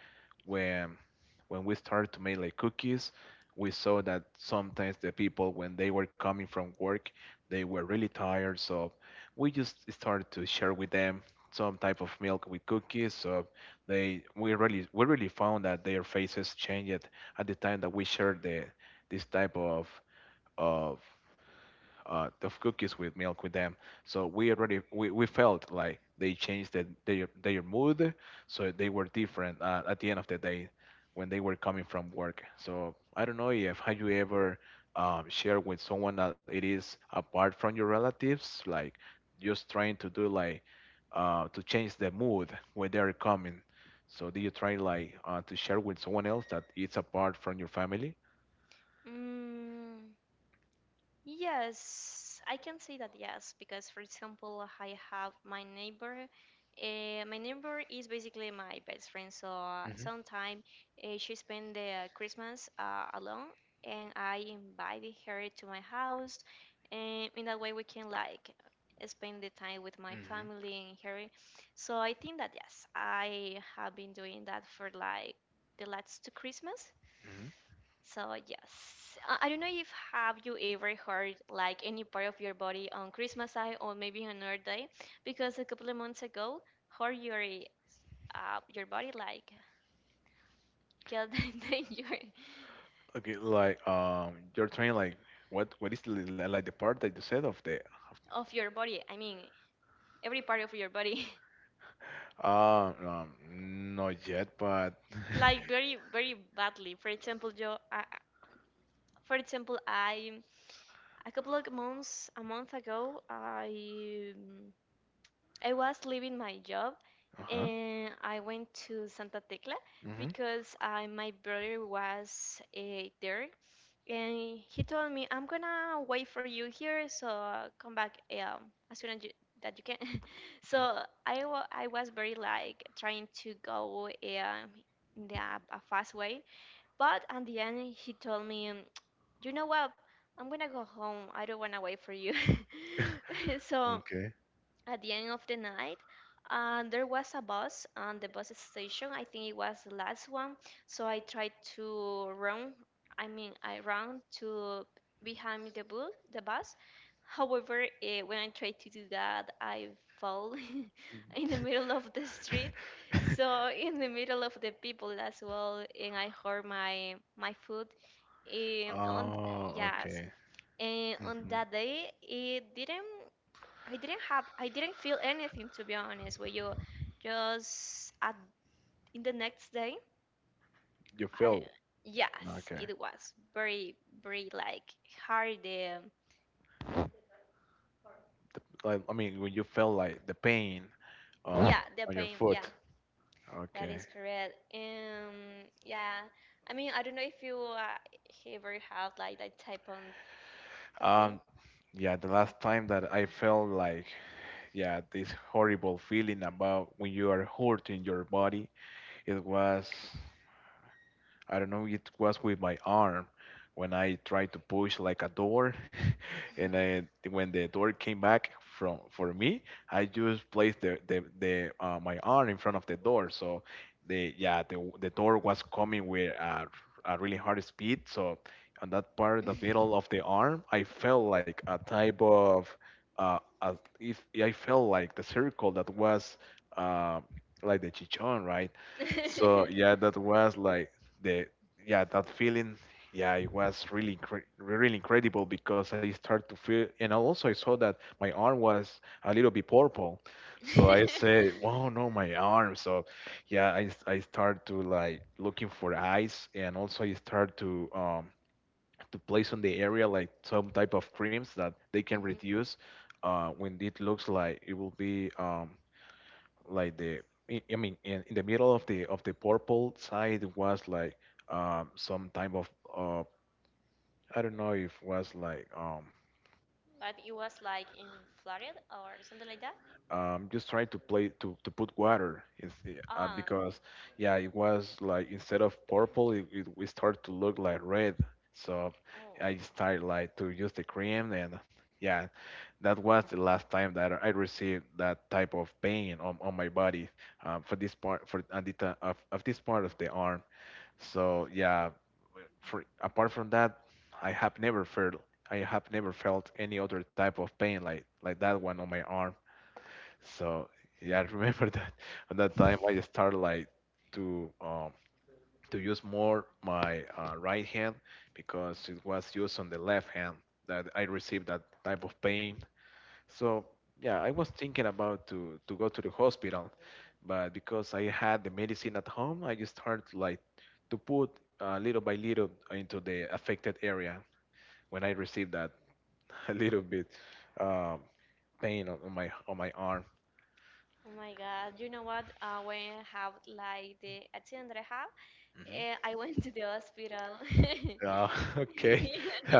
S1: when when we started to make like cookies, we saw that sometimes the people, when they were coming from work, they were really tired, so we just started to share with them some type of milk with cookies, so they we really found that their faces changed at the time that we shared the this type of of cookies with milk with them. So we felt like they changed their mood, so they were different at the end of the day when they were coming from work. So I don't know if, have you ever shared with someone that it is apart from your relatives, like just trying to do like to change the mood when they are coming. So do you try like to share with someone else that it's apart from your family?
S2: Mm, yes, I can say that yes, because for example, I have my neighbor. My neighbor is basically my best friend, so
S1: Hmm.
S2: sometime she spend the Christmas alone, and I invited her to my house, and in that way we can like spend the time with my
S1: Hmm.
S2: family and her. So I think that yes, I have been doing that for like the last two Christmas.
S1: Hmm.
S2: So yes, I don't know if have you ever heard like any part of your body on Christmas Day or maybe on another day, because a couple of months ago, her your body like killed [LAUGHS] the danger
S1: Okay, like, you're trying like, what is like the part that you said of the
S2: of your body. I mean, every part of your body,
S1: of, not yet, but [LAUGHS]
S2: [LAUGHS] like very badly. For example, for example, I a couple of months a month ago, I was leaving my job
S1: uh-huh.
S2: and I went to Santa Tecla
S1: Hmm.
S2: because my brother was there, and he told me, "I'm gonna wait for you here, so come back as soon as that you can." [LAUGHS] So I was very like trying to go in the a fast way, but at the end he told me, " "You know what? I'm gonna go home. I don't wanna wait for you." [LAUGHS]
S1: [LAUGHS]
S2: So
S1: Okay.
S2: at the end of the night, and there was a bus on the bus station. I think it was the last one, so I tried to run. I mean, I ran to behind the bus however, when I tried to do that, I fell [LAUGHS] in the middle of the street, so
S1: [LAUGHS]
S2: in the middle of the people as well, and I hurt my foot on,
S1: Oh,
S2: yes,
S1: okay.
S2: and on
S1: Hmm.
S2: that day it didn't, I didn't have, I didn't feel anything to be honest with you. Just at in the next day,
S1: You
S2: I,
S1: feel
S2: yes,
S1: okay.
S2: it was very like hard.
S1: Like, I mean, when you feel like the pain um
S2: Yeah, the
S1: on your
S2: pain. Yeah,
S1: foot.
S2: that
S1: Okay.
S2: is correct. Yeah. I mean, I don't know if you ever have like that type of thing.
S1: Um, yeah, the last time that I felt like, yeah, this horrible feeling about when you are hurting your body, it was, I don't know, it was with my arm when I tried to push like a door, [LAUGHS] and I, when the door came back from for me, I just placed the my arm in front of the door. So the yeah the door was coming with a really hard speed. So on that part, of the middle of the arm, I felt like a type of a, if yeah, I felt like the circle that was uh, like the chichon, right? So
S2: [LAUGHS]
S1: yeah, that was like the yeah that feeling. Yeah, it was really incredible because I started to feel, and I also I saw that my arm was a little bit purple. So I said, wow, no, my arm. So yeah, I start to like looking for eyes, and also I start to place on the area like some type of creams that they can
S2: Mhm.
S1: reduce, when it looks like it will be, like the I mean in the middle of the purple side, was like some type of, uh I don't know, if was like
S2: But it was like in Florida or something like that.
S1: just trying to play to put water is
S2: Ah,
S1: because yeah, it was like, instead of purple, it we start to look like red. So
S2: oh,
S1: I started like to use the cream, and yeah, that was the last time that I received that type of pain on my body, for this part, for at the, ti- of this part of the arm. So yeah, for apart from that, I have never felt I have never felt any other type of pain like that one on my arm. So yeah, I remember [LAUGHS] that at that time I started like to um to use more my, right hand, because it was used on the left hand that I received that type of pain. So yeah, I was thinking about to go to the hospital, but because I had the medicine at home, I just started like to put, little by little, into the affected area when I received that [LAUGHS] a little bit, um, pain on my arm.
S2: oh my God! You know what? When I have like the accident that I have,
S1: Mhm.
S2: I [LAUGHS] went to the hospital, [LAUGHS]
S1: Uh, [LAUGHS] okay. [LAUGHS]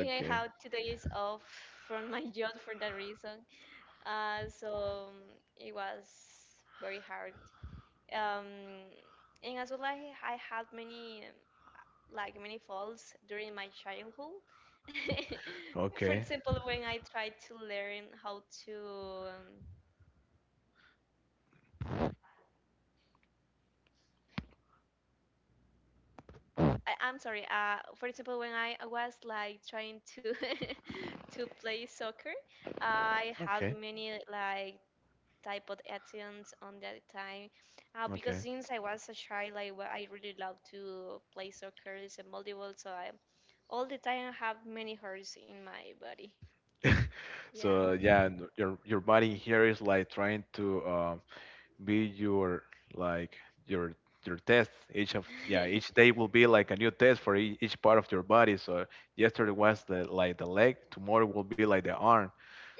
S2: and I
S1: Okay.
S2: have 2 days off from my job for that reason. So it was very hard. Um, and as well, I had many. Like many falls during my childhood. [LAUGHS] For
S1: Okay.
S2: example,
S1: Okay.
S2: when I tried to learn how to, um, I'm sorry. For example, when I was like trying to [LAUGHS] to play soccer, I had
S1: Okay.
S2: many like type of accidents on that time. Because
S1: Okay.
S2: since I was a child, I really love to play soccer and volleyball. So I all the time I have many hurts in my body. Yeah.
S1: So yeah, your body here is like trying to, be your, like your your test. Each day
S2: [LAUGHS]
S1: will be like a new test for each part of your body. So yesterday was the like the leg, tomorrow will be like the arm.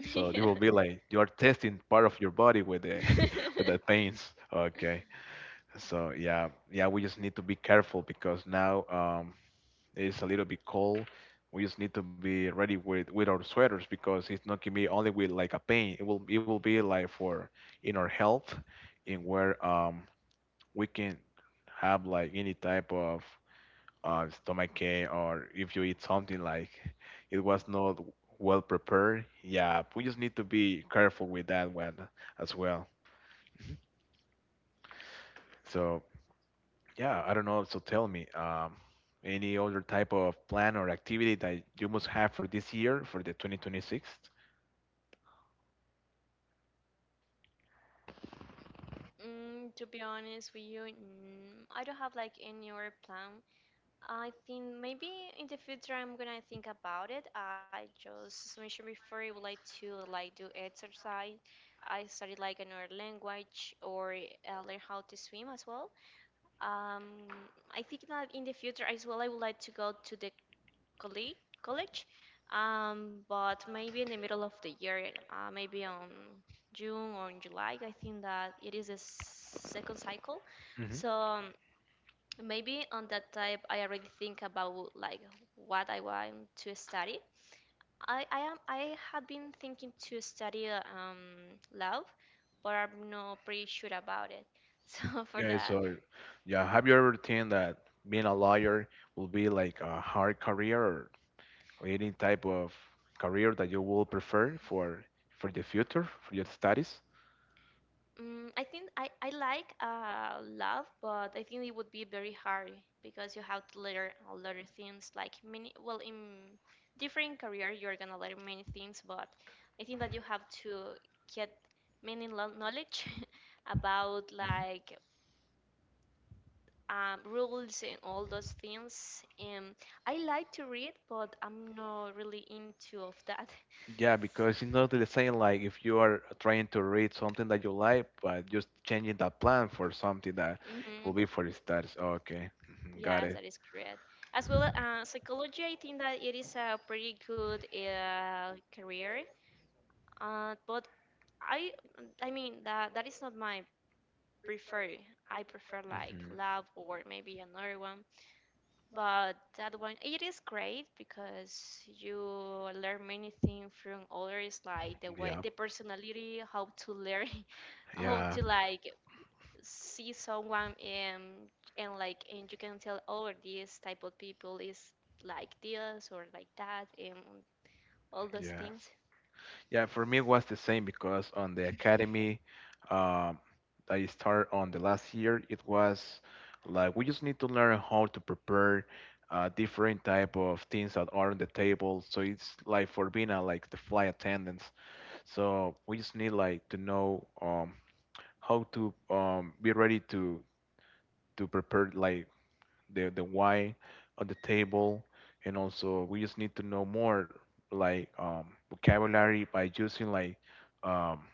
S1: So it will
S2: Yeah.
S1: be like you are testing part of your body with the [LAUGHS] with the
S2: [LAUGHS]
S1: pains. Okay. So yeah, yeah, we just need to be careful because now, it's a little bit cold. We just need to be ready with our sweaters, because it's not gonna be only with like a pain. It will be like for in our health, in where, we can have like any type of, stomach ache, or if you eat something like it was not well prepared. Yeah, we just need to be careful with that one as well. So yeah, I don't know. So tell me, any other type of plan or activity that you must have for this year, for the 2026?
S2: Mm, to be honest with you, I don't have like any other plan. I think maybe in the future I'm gonna think about it. I just, as mentioned before, I would like to like do exercise. I study like another language or learn how to swim as well. Um, I think that in the future as well, I would like to go to the college, but maybe in the middle of the year, maybe on June or in July, I think that it is a second cycle.
S1: Mm-hmm.
S2: So maybe on that time, I already think about like what I want to study. I have been thinking to study law, but I'm not pretty sure about it. [LAUGHS] So for
S1: Yeah,
S2: that,
S1: so yeah, have you ever think that being a lawyer will be like a hard career, or any type of career that you will prefer for the future, for your studies?
S2: mm, I think I like love, but I think it would be very hard because you have to learn a lot of things. Like many, well, in different career, you're gonna learn many things, but I think that you have to get many knowledge [LAUGHS] about
S1: Mhm.
S2: like rules and all those things. And I like to read, but I'm not really into of that.
S1: Yeah,
S2: [LAUGHS] So,
S1: because it's not the same like if you are trying to read something that you like, but just changing the plan for something that will
S2: mhm.
S1: be for stars. Oh, okay. Mhm. Got
S2: Yes,
S1: it.
S2: that is correct. As well, psychology, I think that it is a pretty good career. Uh, but I, I mean that that is not my prefer. I prefer like
S1: Hmm.
S2: lab or maybe another one. But that one, it is great because you learn many things from others, like the way,
S1: Yeah.
S2: the personality, how to learn, [LAUGHS] how to
S1: Yeah.
S2: like see someone and like, and you can tell, oh, this type of people is like this or like that and all those
S1: Yes.
S2: things,
S1: Yeah, for me it was the same because on the academy, um, I started on the last year. It was like we just need to learn how to prepare, different type of things that are on the table. So it's like for being like the flight attendants. So we just need like to know, how to, be ready to prepare like the wine on the table. And also we just need to know more like, vocabulary by using like, um,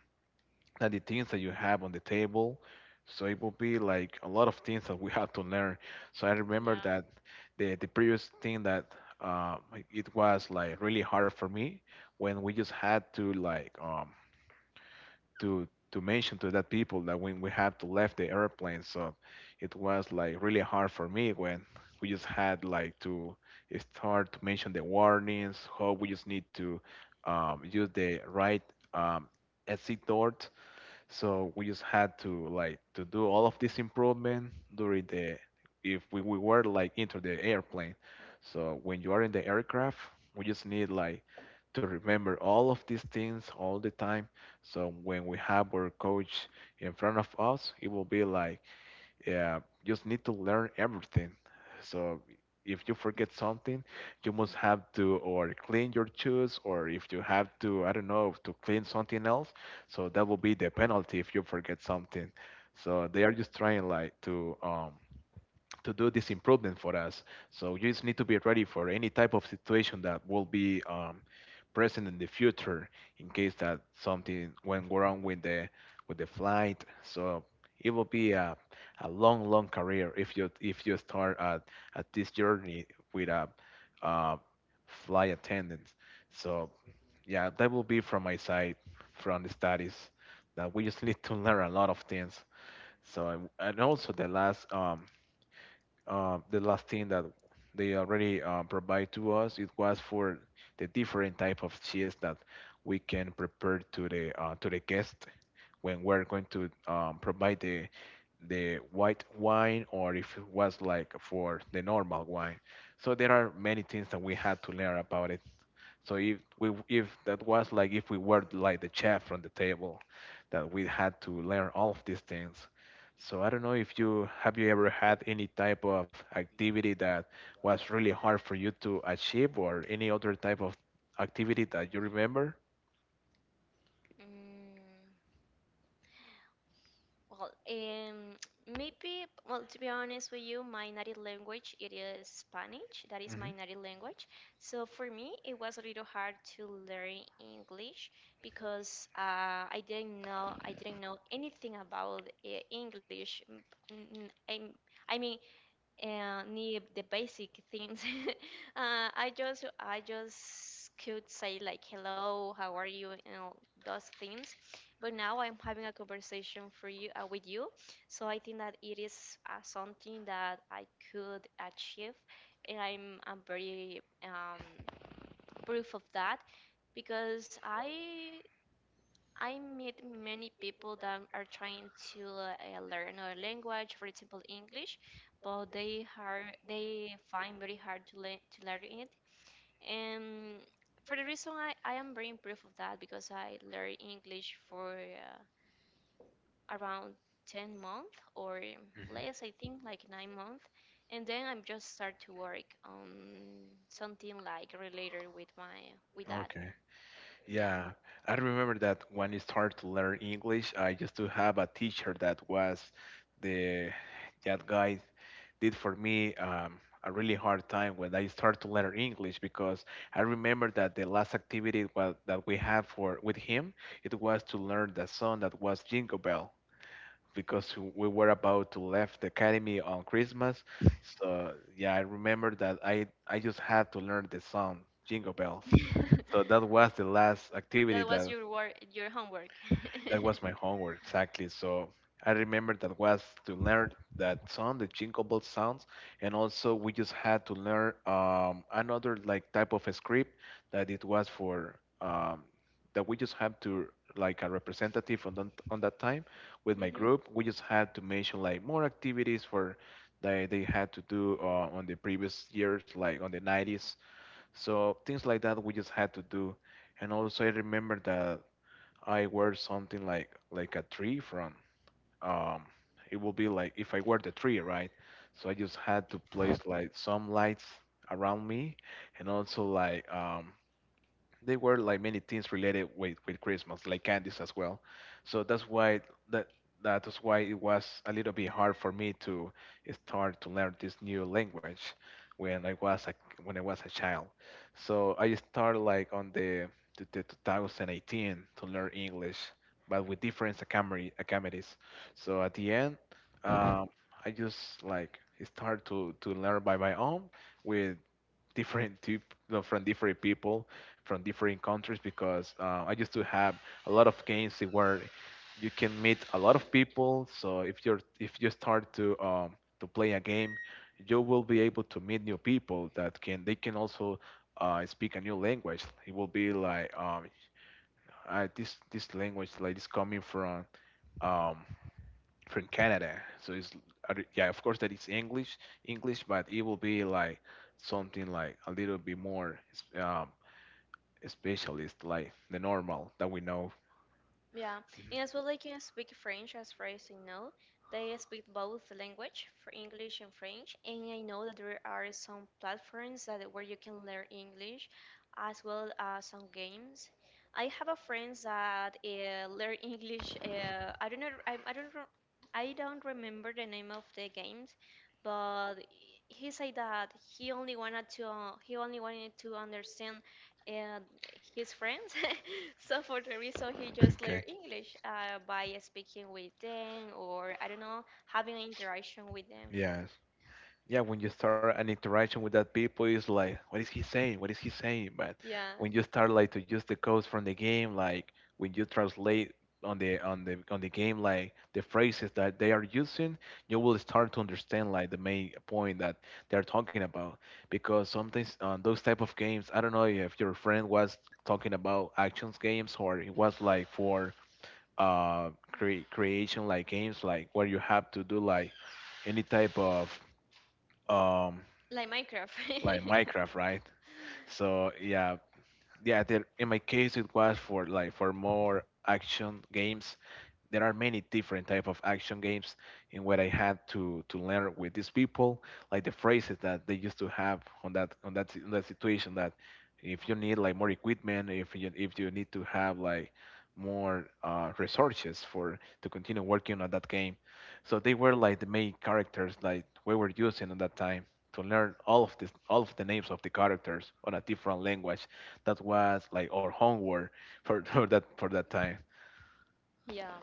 S1: like the things that you have on the table. So it will be like a lot of things that we [LAUGHS] have to learn. So I remember
S2: yeah.
S1: that the previous thing that, um, it was like really hard for me when we just had to like, to mention to that people that when we had to left the airplane. So it was like really hard for me when we just had like to start to mention the warnings, how we just need to, use the right, um, exit door. So we just had to like to do all of this improvement during the if we, we were like into the airplane. So when you are in the aircraft, we just need like to remember all of these things all the time. So when we have our coach in front of us, it will be like, yeah, just need to learn everything. So if you forget something, you must have to or clean your shoes, or if you have to, I don't know, to clean something else. So that will be the penalty if you forget something. So they are just trying like to, do this improvement for us. So you just need to be ready for any type of situation that will be, present in the future in case that something went wrong with the flight. So it will be a long, long career if you start at this journey with a, uh flight attendant. So yeah, that will be from my side, from the studies that we just need to learn a lot of things. So and also the last thing that they already, provide to us, it was for the different type of cheese that we can prepare to the guest, when we're going to, provide the white wine, or if it was like for the normal wine. So there are many things that we had to learn about it. So if that was like if we were like the chef from the table, that we had to learn all of these things. So I don't know if you have you ever had any type of activity that was really hard for you to achieve, or any other type of activity that you remember?
S2: Mm, well, [TSK] maybe, well, to be honest with you, my native language it is Spanish. That is my native language, so for me it was a little hard to learn English because I didn't know anything about English. Mm, mm, i I mean, and need the basic things. [LAUGHS] I just could say like hello, how are you, you know, those things. But now I'm having a conversation for you with you, so I think that it is something that I could achieve, and I'm very proof of that because I meet many people that are trying to learn a language, for example, English, but they find very hard to learn it. And for the reason I am very proof of that because I learned English for around 10 months or
S1: Mhm.
S2: less, I think, like 9 months. And then I'm just start to work on something like related with that.
S1: Okay.
S2: Yeah.
S1: Yeah, I remember that when I started to learn English, I used to have a teacher that was the that guy did for me, a really hard time when I started to learn English, because I remember that the last activity that we had for with him, it was to learn the song that was Jingle Bell, because we were about to left the academy on Christmas. So yeah, I remember that I just had to learn the song Jingle Bells. So that
S2: [LAUGHS]
S1: was the last activity,
S2: That was
S1: that
S2: your work, your homework. [LAUGHS]
S1: that was my homework, exactly. So I remember that was to learn that song, the Jingle Bell sounds, and also we just had to learn, another like type of a script that it was for, that we just have to like a representative on that time with my
S2: Hmm.
S1: group. We just had to mention like more activities for that they had to do, on the previous years, like on the 90s. So things like that we just had to do. And also I remember that I wear something like a tree from, um it will be like if I wear the tree, right? So I just had to place like some lights around me, and also like, they were like many things related with Christmas, like candies as well. So that's why that that's why it was a little bit hard for me to start to learn this new language when I was a child. So I started like on the 2018 to learn English, but with different academy, academies. So at the end, um, I just like start to learn by my own with different tip, no, from different people from different countries, because, I used to have a lot of games where you can meet a lot of people. So if you're, if you start to, to play a game, you will be able to meet new people that can they can also, speak a new language. It will be like, this language is coming um, from Canada. So it's, yeah, of course that is English English, but it will be like something like a little bit more, um, specialist, like the normal that we know.
S2: Yeah, and as well they can speak
S1: [LAUGHS]
S2: French, as far as I know. They speak both language, for English and French, and I know that there are some platforms that where you can learn English, as well as some games. I have a friend that learn English. I don't know. I don't. Re- I don't remember the name of the games, but he said that he only wanted to understand and his friends. [LAUGHS] So for the reason, so he just learned
S1: Okay.
S2: English by speaking with them, or I don't know, having an interaction with them.
S1: Yes. Yeah, when you start an interaction with that people, it's like, what is he saying, what is he saying? But
S2: Yeah,
S1: when you start like to use the codes from the game, like when you translate on the game, like the phrases that they are using, you will start to understand like the main point that they're talking about. Because sometimes on those type of games, I don't know if your friend was talking about actions games or it was like for, creation like games, like where you have to do like any type of, um
S2: like Minecraft.
S1: like Minecraft, right?
S2: [LAUGHS]
S1: So yeah, yeah. There, in my case, it was for like for more action games. There are many different type of action games in what I had to learn with these people, like the phrases that they used to have on that situation, that if you need like more equipment, if you need to have like more, resources for to continue working on that game. So they were like the main characters like we were using at that time to learn all of the names of the characters on a different language. That was like our homework for, [LAUGHS] for that time.
S2: Yeah.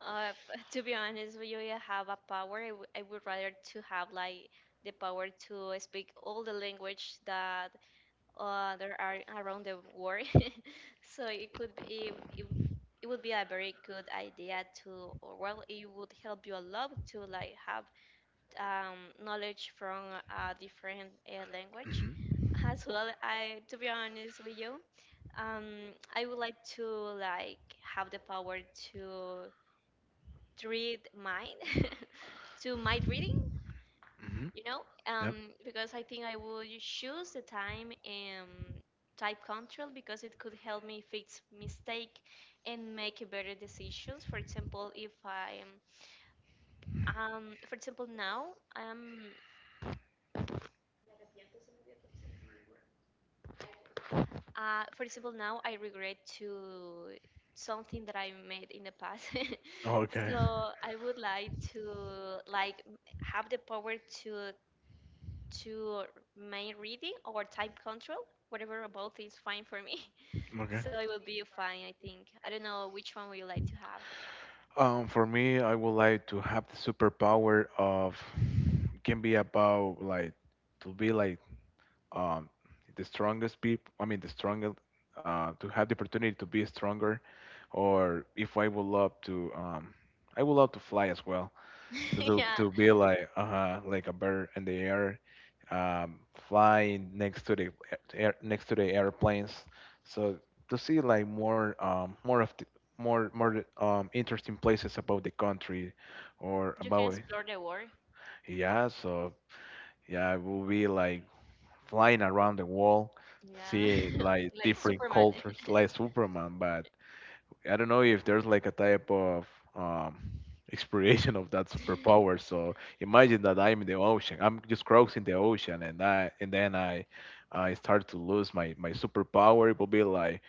S2: To be honest, we you I have a power. I would rather to have like the power to speak all the language that there are around the world. [LAUGHS] So it could be, it would be a very good idea to, or well, it would help you a lot to like have knowledge from a different language. [LAUGHS] As well, I to be honest with you, I would like to like have the power to read mind. [LAUGHS] To mind reading,
S1: Hmm.
S2: you know,
S1: Yep.
S2: because I think I would choose the time and type control because it could help me fix mistake and make better decisions. For example, if I am, for example now I for example now I regret to something that I made in the past. [LAUGHS]
S1: Okay.
S2: So I would like to like have the power to to main reading or type control, whatever, both is fine for me.
S1: Okay.
S2: So it will be fine, I think. I don't know which one would you like to have.
S1: For me, I would like to have the superpower of, can be about like to be like, um the strongest people. I mean, the strongest. To have the opportunity to be stronger. Or if I would love to, I would love to fly as well,
S2: [LAUGHS]
S1: to
S2: Yeah.
S1: to be like, like a bird in the air, flying next to the air, next to the airplanes. So to see like more interesting places about the country, or
S2: You can
S1: about,
S2: explore the world.
S1: yeah. So yeah, it will be like flying around the world,
S2: Yeah.
S1: see
S2: [LAUGHS]
S1: like
S2: Like
S1: different
S2: Superman.
S1: cultures, like Superman. But I don't know if there's like a type of, um, [LAUGHS] exploration of that superpower.
S2: [LAUGHS]
S1: So imagine that I'm in the ocean. I'm just crossing the ocean, and then I start to lose my superpower. It will be like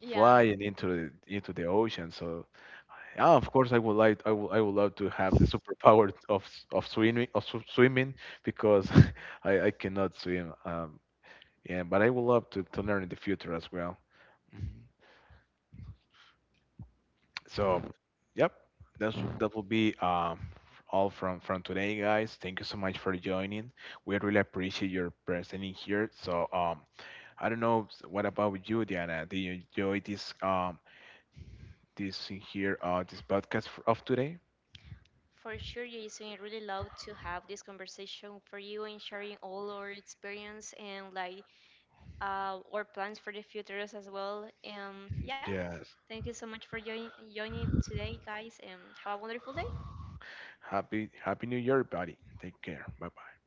S2: Yeah,
S1: flying into the ocean. So yeah, of course I would like I would love to have the superpower of swimming, because [LAUGHS] I cannot swim. Yeah, but I would love to learn in the future as well. So, yep, that will be all from today, guys. Thank you so much for joining. We really appreciate your presence in here. So, I don't know, what about you, Diana? Did you enjoy this this in here this podcast of today?
S2: for sure, Jason. I really love to have this conversation for you and sharing all our experience and like our plans for the futures as well. And yeah,
S1: Yes.
S2: thank you so much for joining today, guys, and have a wonderful day.
S1: Happy Happy New Year, buddy. Take care. Bye bye.